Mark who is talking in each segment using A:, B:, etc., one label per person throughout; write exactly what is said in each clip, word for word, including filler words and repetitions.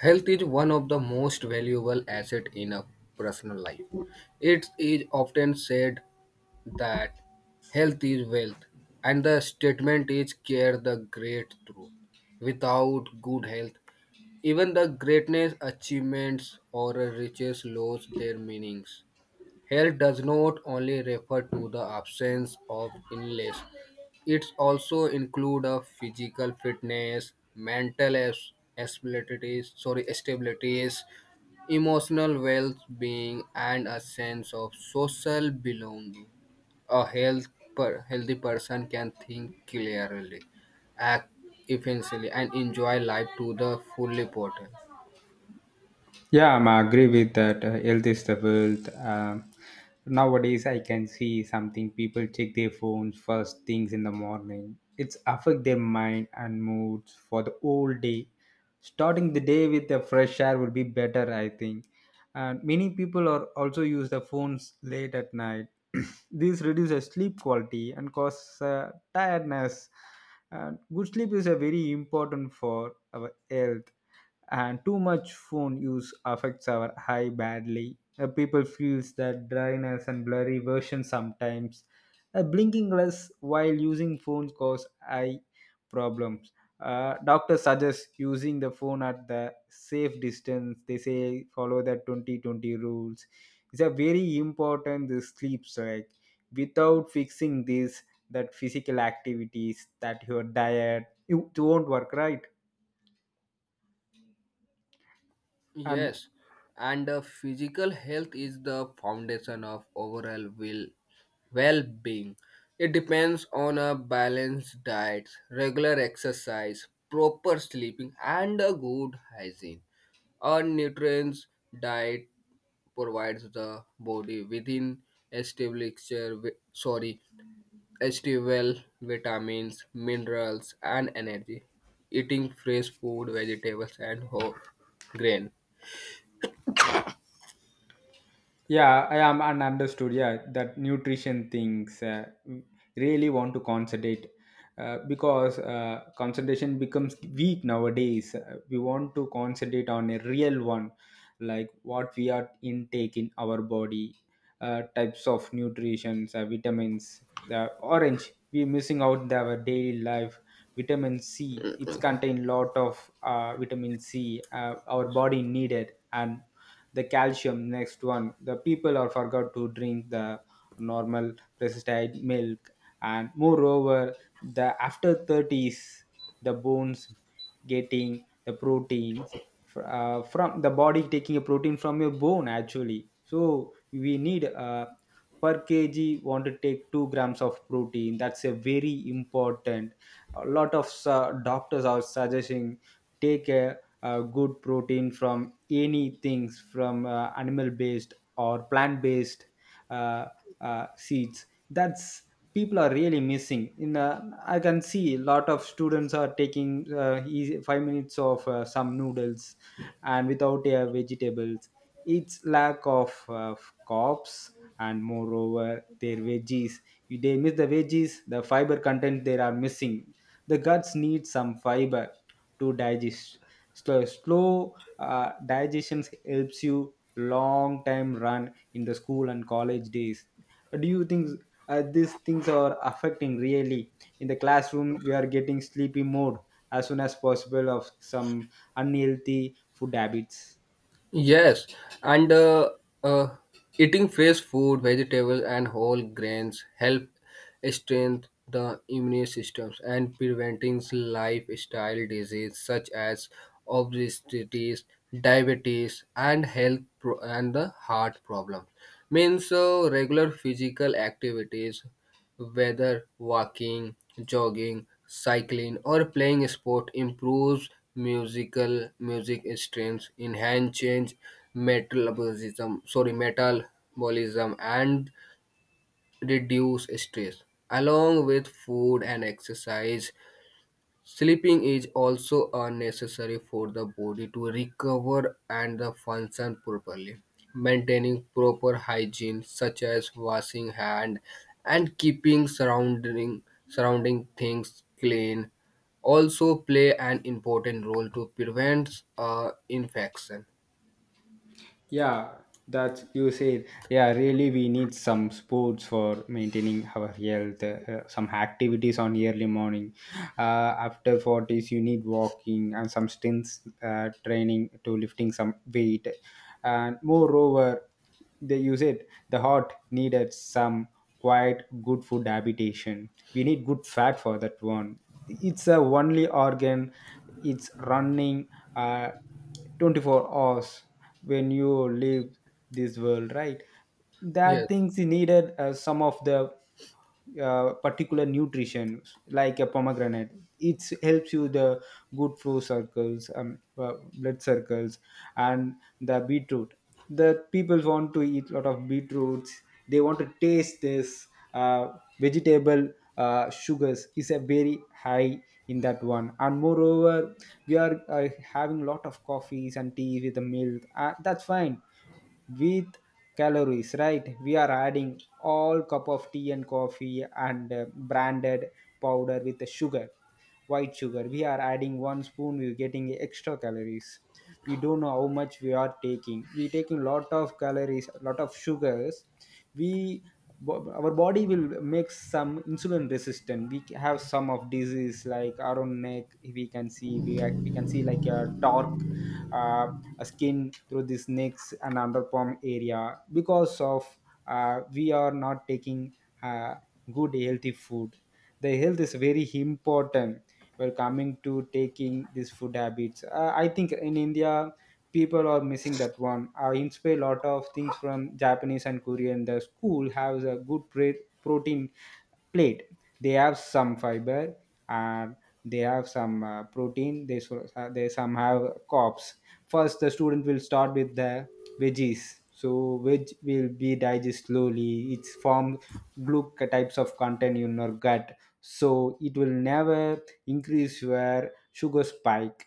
A: Health is one of the most valuable asset in a personal life. It is often said that health is wealth, and the statement is care the great truth. Without good health, even the greatness achievements or riches lose their meanings. Health does not only refer to the absence of illness, it also includes a physical fitness, mental as- abilities, sorry, stabilities, emotional well-being, and a sense of social belonging. A health per- healthy person can think clearly, act efficiently, and enjoy life to the full potential.
B: Yeah, I'm agree with that. Uh, health is the wealth. Um, nowadays, I can see something. People check their phones first things in the morning. It's affect their mind and moods for the whole day. Starting the day with the fresh air would be better, I think, and many people are also use the phones late at night. This reduces sleep quality and causes uh, tiredness, and good sleep is a very important for our health, and too much phone use affects our eye badly. Uh, people feels that dryness and blurry version sometimes, uh, blinking less while using phones cause eye problems. Uh, doctors suggest using the phone at the safe distance. They say follow the twenty twenty rules. It's a very important this sleep. So, like, without fixing this, that physical activities, that your diet, you, it won't work right. And
A: Yes, and uh, physical health is the foundation of overall will well-being. It depends on a balanced diet, regular exercise, proper sleeping, and a good hygiene. A nutrients diet provides the body within established wi- sorry stable vitamins, minerals, and energy. Eating fresh food, vegetables, and whole grain.
B: Yeah, I am and understood. Yeah, that nutrition things, uh, really want to concentrate, uh, because uh, concentration becomes weak nowadays. Uh, we want to concentrate on a real one, like what we are intake in our body, uh, types of nutrients, uh, vitamins. The orange we missing out the, our daily life. Vitamin C, it's contain lot of uh, vitamin C, uh, our body needed, and the calcium next one, the people are forgot to drink the normal precipitated milk. And moreover, the after thirties, the bones getting the proteins fr- uh, from the body, taking a protein from your bone actually, so we need uh, per kg want to take two grams of protein. That's a very important. A lot of uh, doctors are suggesting, take a, a good protein from any things, from uh, animal based or plant based, uh, uh, seeds. That's people are really missing in, uh, I can see a lot of students are taking uh, easy, five minutes of uh, some noodles, and without their vegetables, it's lack of uh, carbs. And moreover, their veggies, if they miss the veggies, the fiber content they are missing. The guts need some fiber to digest, so slow uh, digestion helps you long time run in the school and college days. Do you think uh, these things are affecting really? In the classroom we are getting sleepy mode as soon as possible of some unhealthy food habits.
A: Yes, and uh, uh, eating fresh food, vegetables, and whole grains help strengthen the immune systems and preventing lifestyle disease such as obesity, diabetes, and health pro- and the heart problems. Means uh, regular physical activities, whether walking, jogging, cycling, or playing sport improves musical music strength, enhance change metabolism, sorry metabolism, and reduce stress. Along with food and exercise, sleeping is also a necessary for the body to recover and the function properly. Maintaining proper hygiene such as washing hand and keeping surrounding surrounding things clean also play an important role to prevent uh, infection.
B: Yeah, that you said. Yeah, really, we need some sports for maintaining our health. Uh, uh, some activities on early morning. Uh, after forties, you need walking and some stints uh, training to lifting some weight. And moreover, they use it. The heart needed some quite good food habitation. We need good fat for that one. It's a only organ. It's running, uh, twenty-four hours, when you leave this world, right? That
A: Yes.
B: things you needed, uh, some of the uh, particular nutrition, like a pomegranate. It helps you the good flow circles, um, uh, blood circles, and the beetroot. The people want to eat a lot of beetroots. They want to taste this uh, vegetable. uh, sugars is a very high in that one. And moreover, we are uh, having a lot of coffees and tea with the milk. uh, that's fine with calories, right? We are adding all cup of tea and coffee and uh, branded powder with the sugar, white sugar. We are adding one spoon, we're getting extra calories. We don't know how much we are taking. We taking lot of calories, lot of sugars. we bo- our body will make some insulin resistant. We ca- have some of disease like around neck. we can see we, ac- we can see like a dark, uh, a skin through this necks and underarm area, because of, uh, we are not taking, uh, good healthy food. The health is very important. We're coming to taking these food habits. uh, I think in India, people are missing that one. I inspire a lot of things from Japanese and Korean. The school has a good pre- protein plate. They have some fiber, and they have some uh, protein. They, so, uh, they some have carbs. First the student will start with the veggies, so veg will be digested slowly. It's form gluc types of content in your gut, so it will never increase your sugar spike.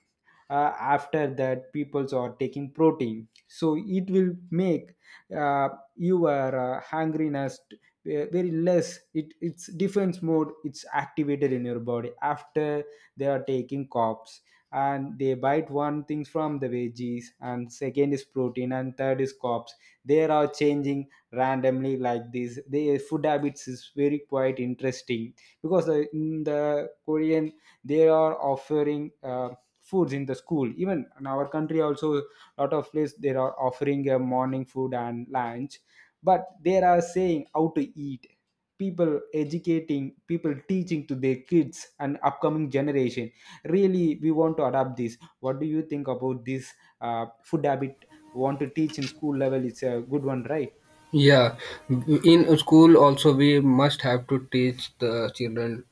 B: uh, after that, peoples are taking protein, so it will make uh, your uh, hungriness ve- very less. It it's defense mode, it's activated in your body after they are taking carbs. And they bite one things from the veggies, and second is protein, and third is carbs. They are changing randomly like this. Their food habits is very quite interesting, because the, in the Korean, they are offering uh, foods in the school. Even in our country also, lot of place they are offering a morning food and lunch, but there are saying how to eat, people educating people, teaching to their kids and upcoming generation. Really, we want to adapt this. What do you think about this uh, food habit, want to teach in school level? It's a good one, right?
A: Yeah, in school also we must have to teach the children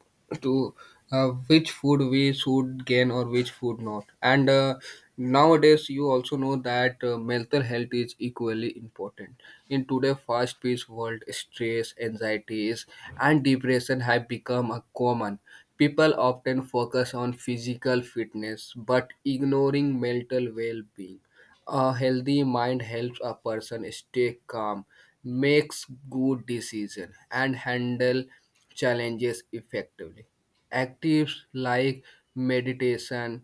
A: to, uh, which food we should gain or which food not. And uh, nowadays you also know that uh, mental health is equally important. In today's fast-paced world, stress, anxieties, and depression have become a common. People often focus on physical fitness but ignoring mental well-being. A healthy mind helps a person stay calm, makes good decisions, and handle challenges effectively. Activities like meditation,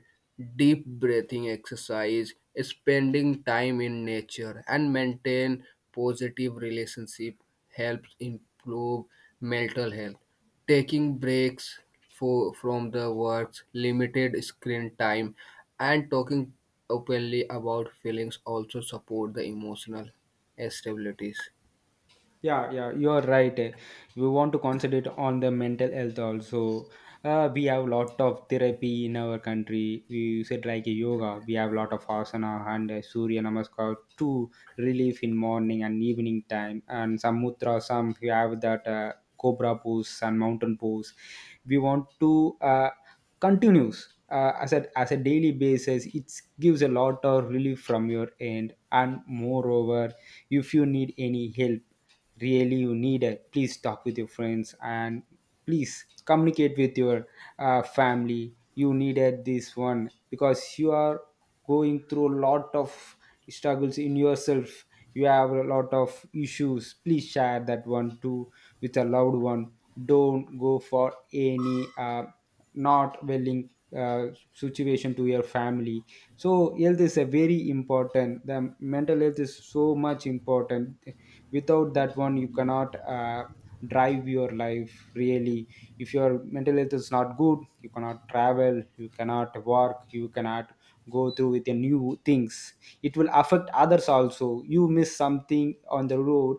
A: deep breathing exercise, spending time in nature, and maintain positive relationship helps improve mental health. Taking breaks for, from the works, limited screen time, and talking openly about feelings also support the emotional stabilities.
B: Yeah, yeah, you are right. We want to concentrate on the mental health also. uh, we have lot of therapy in our country. We said like yoga, we have lot of asana and uh, surya namaskar to relief in morning and evening time, and some mudra, some we have that, uh, cobra pose and mountain pose. We want to uh, continues uh, as a as a daily basis. It gives a lot of relief from your end. And moreover, if you need any help, really you need it, please talk with your friends, and please communicate with your uh, family. You needed this one, because you are going through a lot of struggles in yourself. You have a lot of issues, please share that one too, with a loved one. Don't go for any uh, not willing uh, situation to your family. So health is a very important, the mental health is so much important. Without that one, you cannot uh, drive your life really. If your mental health is not good, you cannot travel, you cannot work, you cannot go through with the new things. It will affect others also. You miss something on the road,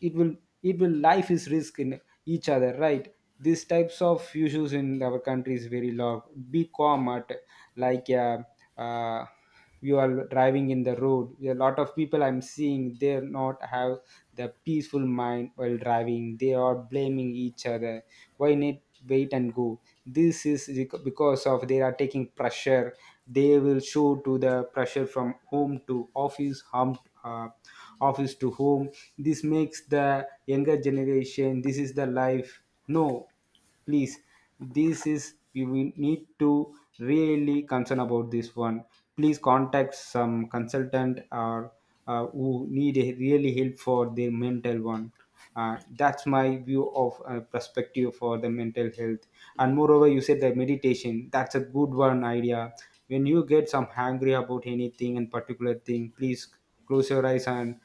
B: it will it will life is risk in each other, right? These types of issues in our country is very low. Be calm at, like, uh, uh, you are driving in the road. A lot of people I'm seeing, they are not have the peaceful mind while driving. They are blaming each other, why need wait and go. This is bec- because of they are taking pressure. They will show to the pressure from home to office home, uh, office to home. This makes the younger generation, this is the life. No, please, this is you will need to really concern about this one. Please contact some consultant, or uh, who need a really help for their mental one. uh, that's my view of uh, perspective for the mental health. And moreover, you said the meditation, that's a good one idea. When you get some hangry about anything and particular thing, please close your eyes and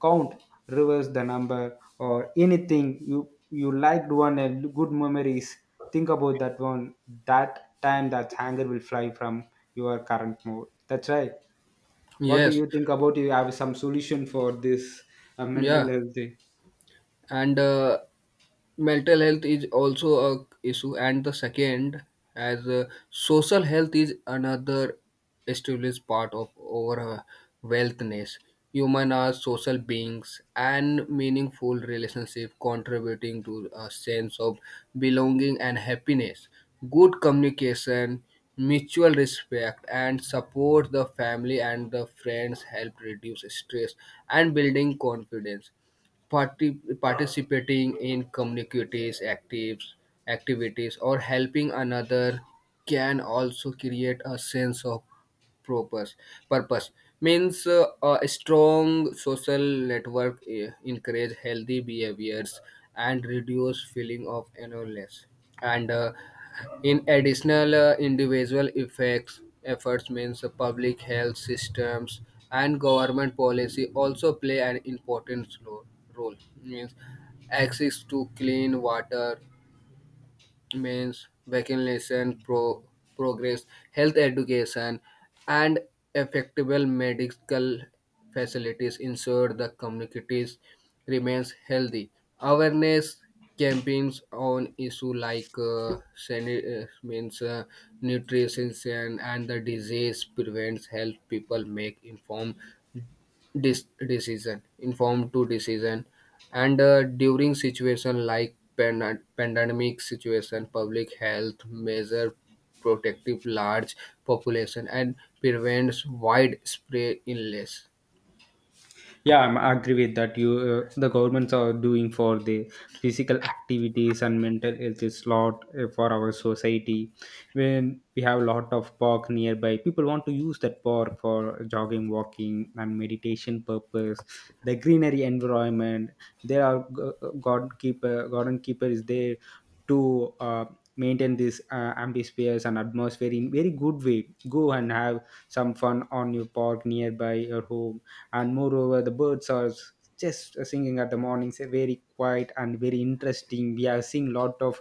B: count, reverse the number, or anything you you liked one and good memories, think about that one. That time, that hanger will fly from your current mode. That's right. What do
A: Yes,
B: you think about, you have some solution for this uh, mental
A: yeah,
B: health?
A: and uh, mental health is also a issue, and the second, as uh, social health is another established part of our uh, wealthness. Human are social beings and meaningful relationship contributing to a sense of belonging and happiness. Good communication, mutual respect, and support the family and the friends help reduce stress and building confidence. Parti- participating in communities actives, activities or helping another can also create a sense of purpose purpose. Means uh, a strong social network eh, encourage healthy behaviors and reduce feeling of loneliness. And uh, in additional, uh, individual effects efforts means uh, public health systems and government policy also play an important role. role. Means access to clean water, means vaccination pro- progress, health education, and effective medical facilities ensure the communities remains healthy. Awareness campaigns on issue like uh, sani- uh, means uh, nutrition and the disease prevents help people make informed dis- decision informed to decision. And uh, during situation like pan- pandemic situation, public health measure protective large population and prevents widespread illness.
B: Yeah, i'm I agree with that. You, uh, the governments are doing for the physical activities and mental health is lot uh, for our society. When we have a lot of park nearby, people want to use that park for jogging, walking, and meditation purpose. The greenery environment, there are g- garden keeper, garden keeper is there to uh, maintain this uh, ambispheres and atmosphere in very good way. Go and have some fun on your park nearby your home. And moreover, the birds are s- just singing at the mornings. uh, very quiet and very interesting. We are seeing lot of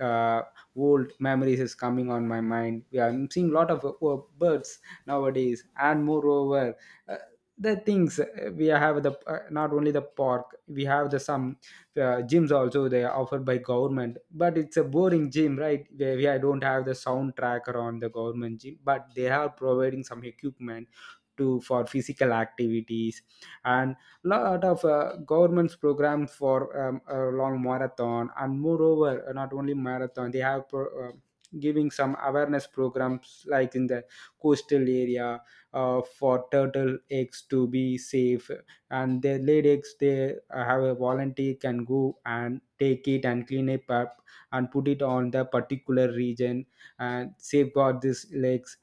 B: uh, old memories is coming on my mind. We are seeing lot of uh, uh, birds nowadays. And moreover, uh, the things, uh, we have the, uh, not only the park, we have the some uh, gyms also. They are offered by government, but it's a boring gym, right, where we, I don't have the soundtrack around the government gym, but they are providing some equipment to for physical activities. And lot of uh, government's programs for um, a long marathon. And moreover, uh, not only marathon, they have pro- uh, giving some awareness programs, like in the coastal area, uh, for turtle eggs to be safe, and their laid eggs, they uh, have a volunteer can go and take it and clean it up, and put it on the particular region, and safeguard these legs.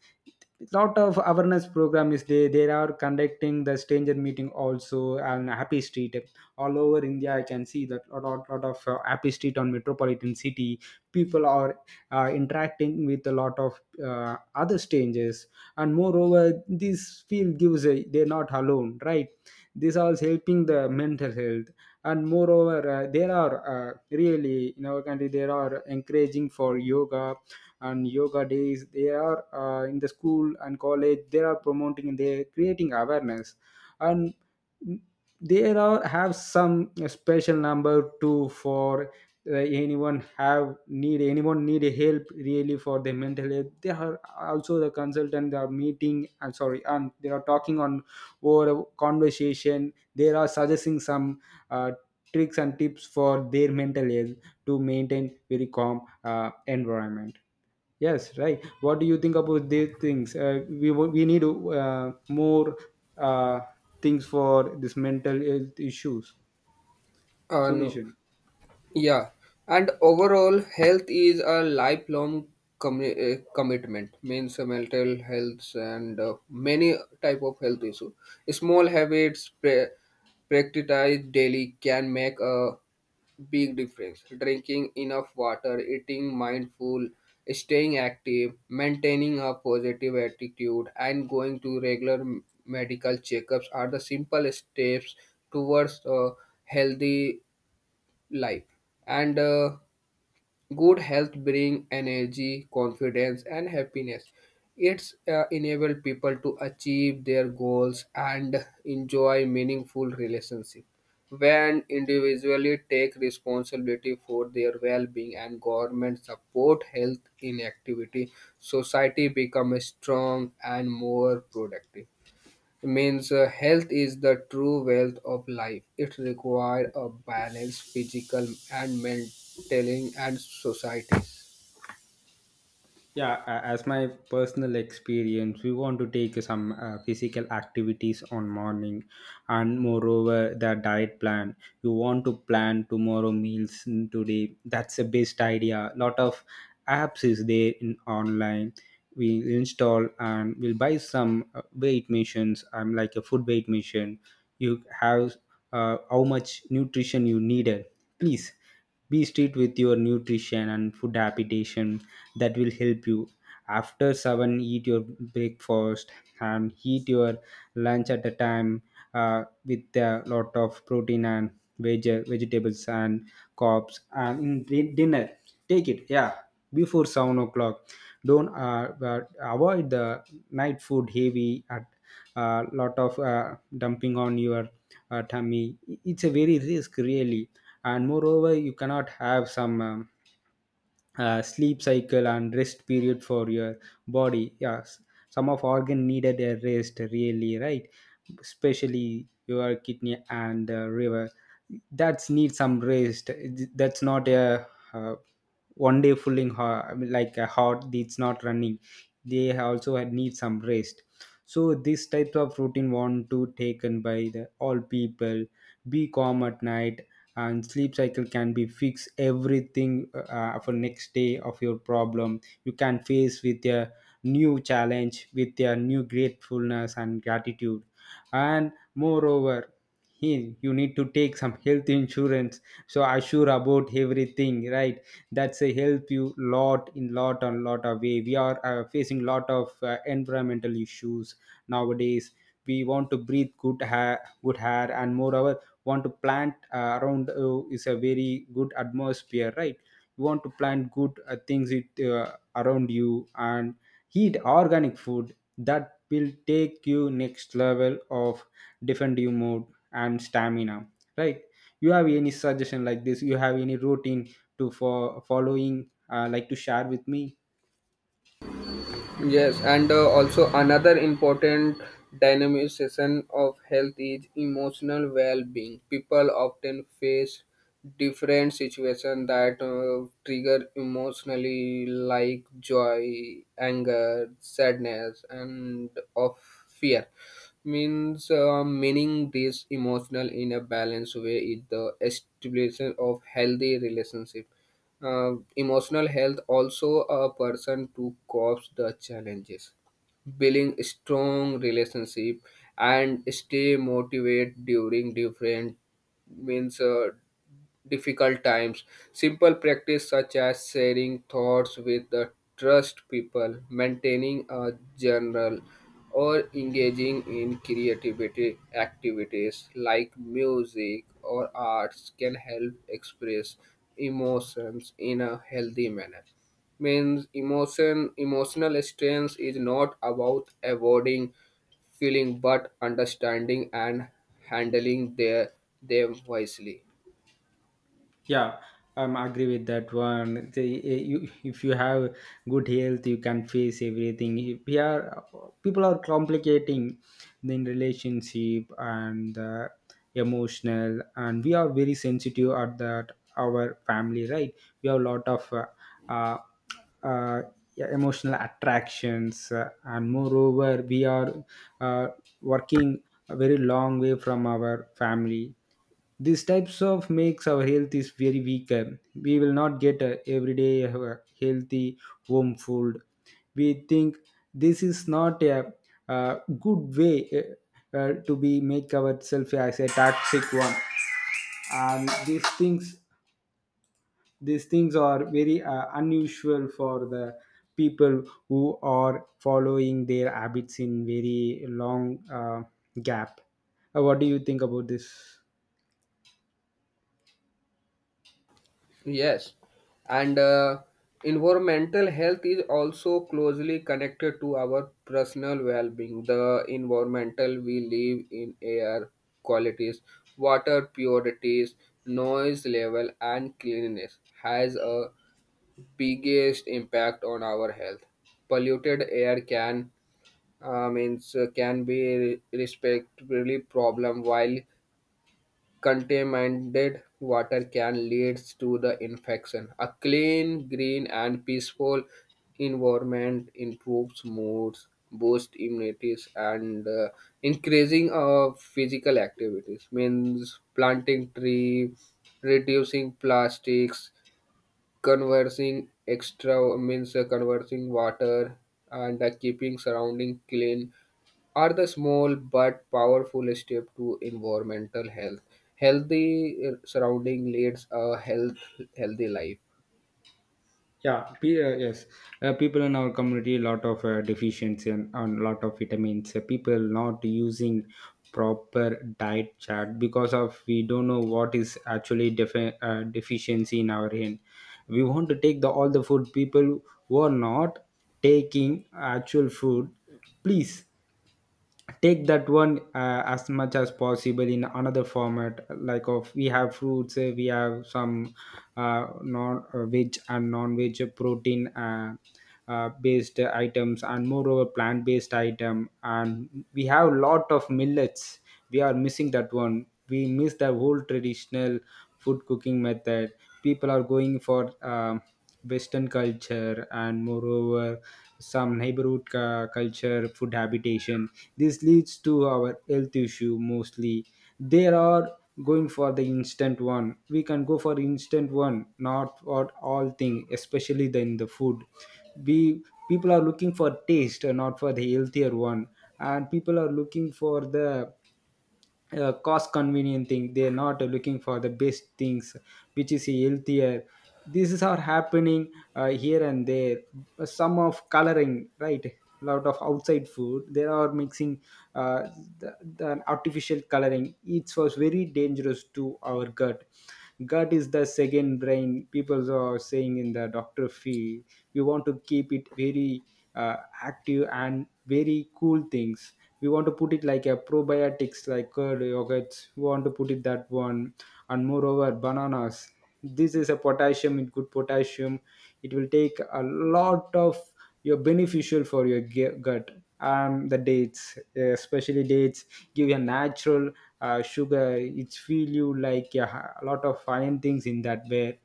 B: Lot of awareness program is there. They are conducting the stranger meeting also on happy street all over India. I can see that a lot, lot of uh, happy street on metropolitan city. People are uh, interacting with a lot of uh, other strangers, and moreover this field gives a, they're not alone, right? This also helping the mental health. And moreover, uh, there are uh, really in our country there are encouraging for yoga. And yoga days, they are uh, in the school and college they are promoting and they are creating awareness. And there are have some special number too for uh, anyone have need, anyone need help really for their mental health, they are also the consultant they are meeting. I'm sorry, and they are talking on over a conversation they are suggesting some uh, tricks and tips for their mental health to maintain very calm uh, environment. Yes, right. What do you think about these things? Uh, we wo- we need uh, more uh, things for this mental health issues
A: uh, No.
B: solution.
A: Yeah, and overall, health is a lifelong commi- uh, commitment. Means uh, mental health and uh, many type of health issue. Small habits pra- practiced daily can make a big difference. Drinking enough water, eating mindful, staying active, maintaining a positive attitude, and going to regular m- medical checkups are the simple steps towards a healthy life. And uh, good health bring energy, confidence, and happiness. It's, uh, enable people to achieve their goals and enjoy meaningful relationship. When individually take responsibility for their well-being and government support health in activity, society become strong and more productive. Means uh, health is the true wealth of life. It requires a balanced physical and mental and societies.
B: Yeah, a- as my personal experience, we want to take some uh, physical activities on morning, and moreover the diet plan. You want to plan tomorrow meals in today, that's the best idea. Lot of apps is there in online, we install, and we'll buy some uh, weight machines. I'm like a food weight machine. You have uh, how much nutrition you needed. Please be strict with your nutrition and food habitation. That will help you. After seven, eat your breakfast and eat your lunch at a time uh, with a lot of protein and veg- vegetables and carbs. And in di- dinner, take it, yeah, before seven o'clock. Don't uh, but avoid the night food heavy at a lot of uh, dumping on your uh, tummy. It's a very risk really, and moreover, you cannot have some. Um, uh, sleep cycle and rest period for your body. Yes, some of organ needed a rest really, right? Especially your kidney and uh, liver, that's need some rest. That's not a uh, one day fulling ho- I mean, like a heart it's not running. They also had need some rest. So this type of routine want to taken by the all people. Be calm at night, and sleep cycle can be fix everything uh, for next day of your problem you can face with a new challenge with a new gratefulness and gratitude. And moreover, he, you need to take some health insurance, so assure about everything, right? That's a help you lot in lot and lot of way. We are uh, facing lot of uh, environmental issues nowadays. We want to breathe good hair, good hair, and moreover want to plant uh, around uh, is a very good atmosphere, right? You want to plant good uh, things it uh, around you, and eat organic food. That will take you next level of defend you mode and stamina, right? You have any suggestion like this? You have any routine to for following uh, like to share with me?
A: Yes, and uh, also another important dynamization of health is emotional well-being. People often face different situations that uh, trigger emotionally, like joy, anger, sadness, and of fear. Means uh, meaning this emotional in a balanced way is the establishment of healthy relationship. uh, emotional health also a person to cope the challenges, building strong relationship and stay motivated during different, means uh, difficult times. Simple practice such as sharing thoughts with the trust people, maintaining a journal, or engaging in creativity activities like music or arts can help express emotions in a healthy manner. Means emotion emotional strength is not about avoiding feeling but understanding and handling their them wisely.
B: Yeah, um, I agree with that one. The, eh, you, if you have good health you can face everything. If we are, people are complicating in relationship and uh, emotional, and we are very sensitive at that our family, right? We have a lot of uh, uh, uh, yeah, emotional attractions, uh, and moreover we are uh, working a very long way from our family. These types of makes our health is very weak. Uh, we will not get a everyday uh, healthy home food, we think. This is not a, uh good way uh, uh, to be make ourselves as a toxic one. And these things these things are very uh, unusual for the people who are following their habits in very long uh, gap. Uh, what do you think about this?
A: Yes, and uh, environmental health is also closely connected to our personal well-being. The environmental we live in, air qualities, water purities, noise level, and cleanliness has a biggest impact on our health. Polluted air can, uh, means uh, can be respectively problem, while contaminated water can lead to the infection. A clean, green, and peaceful environment improves moods, boosts immunity, and uh, increasing of physical activities. Means planting tree, reducing plastics, conversing extra means uh, conversing water, and uh, keeping surrounding clean are the small but powerful step to environmental health. Healthy uh, surrounding leads a health healthy life.
B: Yeah pe- uh, yes. Uh, people in our community lot of uh, deficiency and, and lot of vitamins. Uh, people not using proper diet chart because of we don't know what is actually defi- uh, deficiency in our hand. We want to take the all the food. People who are not taking actual food, please take that one uh, as much as possible in another format. Like of we have fruits, uh, we have some uh, non uh, veg and non veg protein uh, uh, based items, and moreover plant based item, and we have lot of millets. We are missing that one. We miss the whole traditional food cooking method. People are going for um western culture, and moreover some neighborhood uh, culture food habitation. This leads to our health issue mostly. They are going for the instant one. We can go for instant one, not for all thing, especially the, in the food. We people are looking for taste and not for the healthier one. And people are looking for the uh, cost convenient thing. They're not looking for the best things which is healthier. This is are happening uh, here and there. Some of coloring, right? Lot of outside food they are mixing, uh, the, the artificial coloring. It was very dangerous to our gut. Gut is the second brain, people are saying in the doctor field. We want to keep it very uh, active and very cool things. We want to put it like a probiotics like curd yogurts, we want to put it that one. And moreover bananas, this is a potassium. It good potassium, it will take a lot of, you're beneficial for your gu- gut. Um, the dates, especially dates, give you a natural uh, sugar. It's feel you like, yeah, a lot of fine things in that way.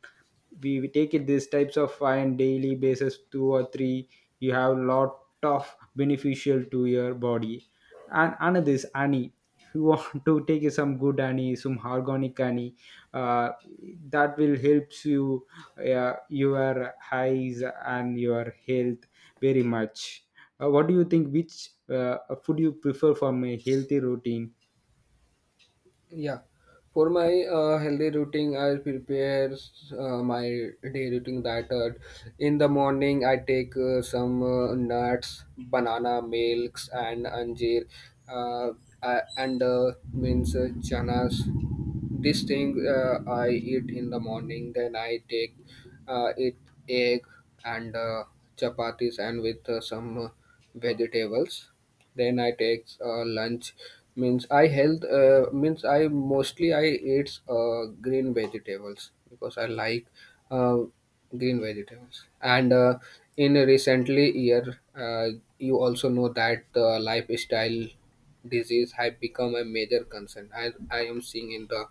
B: We, we take it these types of fine daily basis, two or three, you have lot of beneficial to your body. And another is honey, if you want to take some good honey, some organic honey, uh, that will helps you uh, your eyes and your health very much. Uh, what do you think which uh, food you prefer from a healthy routine?
A: Yeah, for my uh, healthy routine, I prepare uh, my day routine that, uh, in the morning I take uh, some uh, nuts, banana, milks, and anjir, uh, uh, and uh, means uh, chanas. This thing uh, I eat in the morning. Then I take uh, it egg and uh, chapatis and with uh, some uh, vegetables. Then I take uh, lunch. Means I health uh, means I mostly I eat uh, green vegetables because I like uh, green vegetables. And uh, in recently year, uh, you also know that the lifestyle disease have become a major concern, as I am seeing in the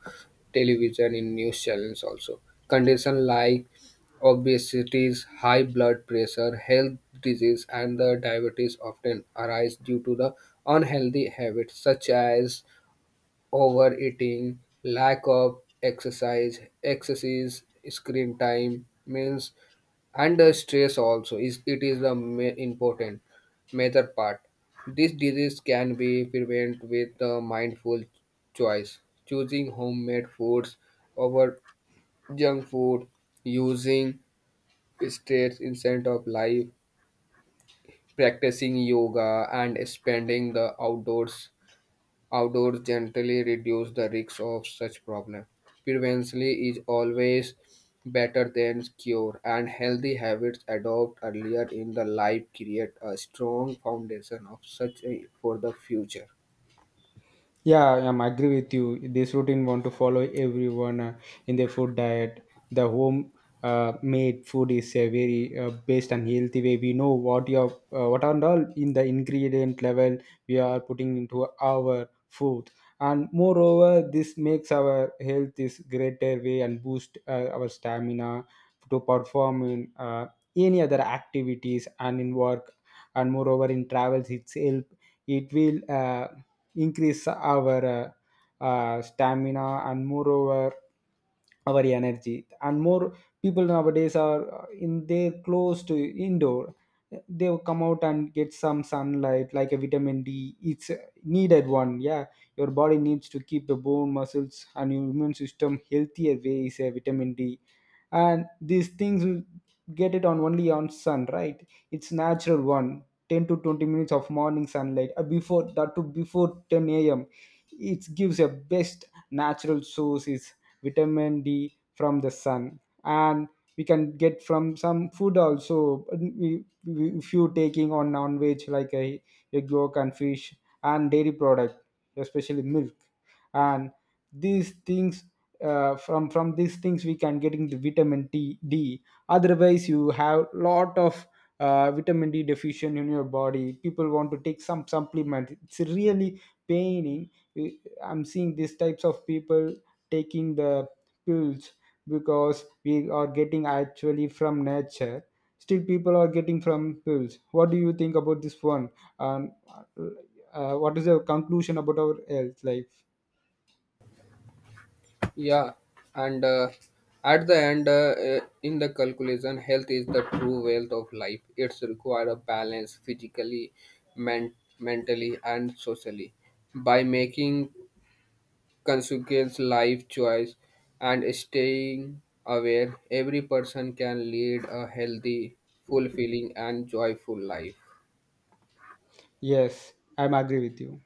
A: television, in news channels also. Conditions like obesity, high blood pressure, health disease, and the diabetes often arise due to the unhealthy habits such as overeating, lack of exercise, excessive screen time, means under stress also is, it is the ma- important major part. This disease can be prevented with the mindful choice, choosing homemade foods over junk food, using stress instead of life, practicing yoga, and spending the outdoors Outdoors gently reduce the risks of such problems. Prevention is always better than cure, and healthy habits adopted earlier in the life create a strong foundation of such a, for the future.
B: Yeah, I'm agree with you. This routine want to follow everyone uh, in their food diet. The home uh, made food is a very uh, best and healthy way. We know what your uh, what are all in the ingredient level we are putting into our food, and moreover, this makes our health is greater way and boost uh, our stamina to perform in uh, any other activities and in work, and moreover in travels it's help. It will. Uh, increase our uh, uh, stamina and moreover our energy. And more people nowadays are uh, in their close to indoor. They will come out and get some sunlight, like a vitamin d, it's a needed one. Yeah, your body needs to keep the bone muscles and your immune system healthier way is a vitamin d. And these things will get it on only on sun, right? It's natural one. ten to twenty minutes of morning sunlight uh, before that to before ten a m it gives a best natural source is vitamin d from the sun. And we can get from some food also. We, we, if you taking on non-veg like a egg yolk and fish and dairy product, especially milk. And these things, uh, from from these things we can getting the vitamin T, d. Otherwise you have lot of uh, vitamin d deficient in your body, people want to take some supplement. It's really paining. I'm seeing these types of people taking the fuels, because we are getting actually from nature, still people are getting from pills. What do you think about this one? And uh, what is the conclusion about our health life?
A: Yeah, and uh, at the end, uh, uh, in the calculation, health is the true wealth of life. It's require a balance physically, men- mentally, and socially. By making consequence life choice and staying aware, every person can lead a healthy, fulfilling, and joyful life.
B: Yes, I'm agree with you.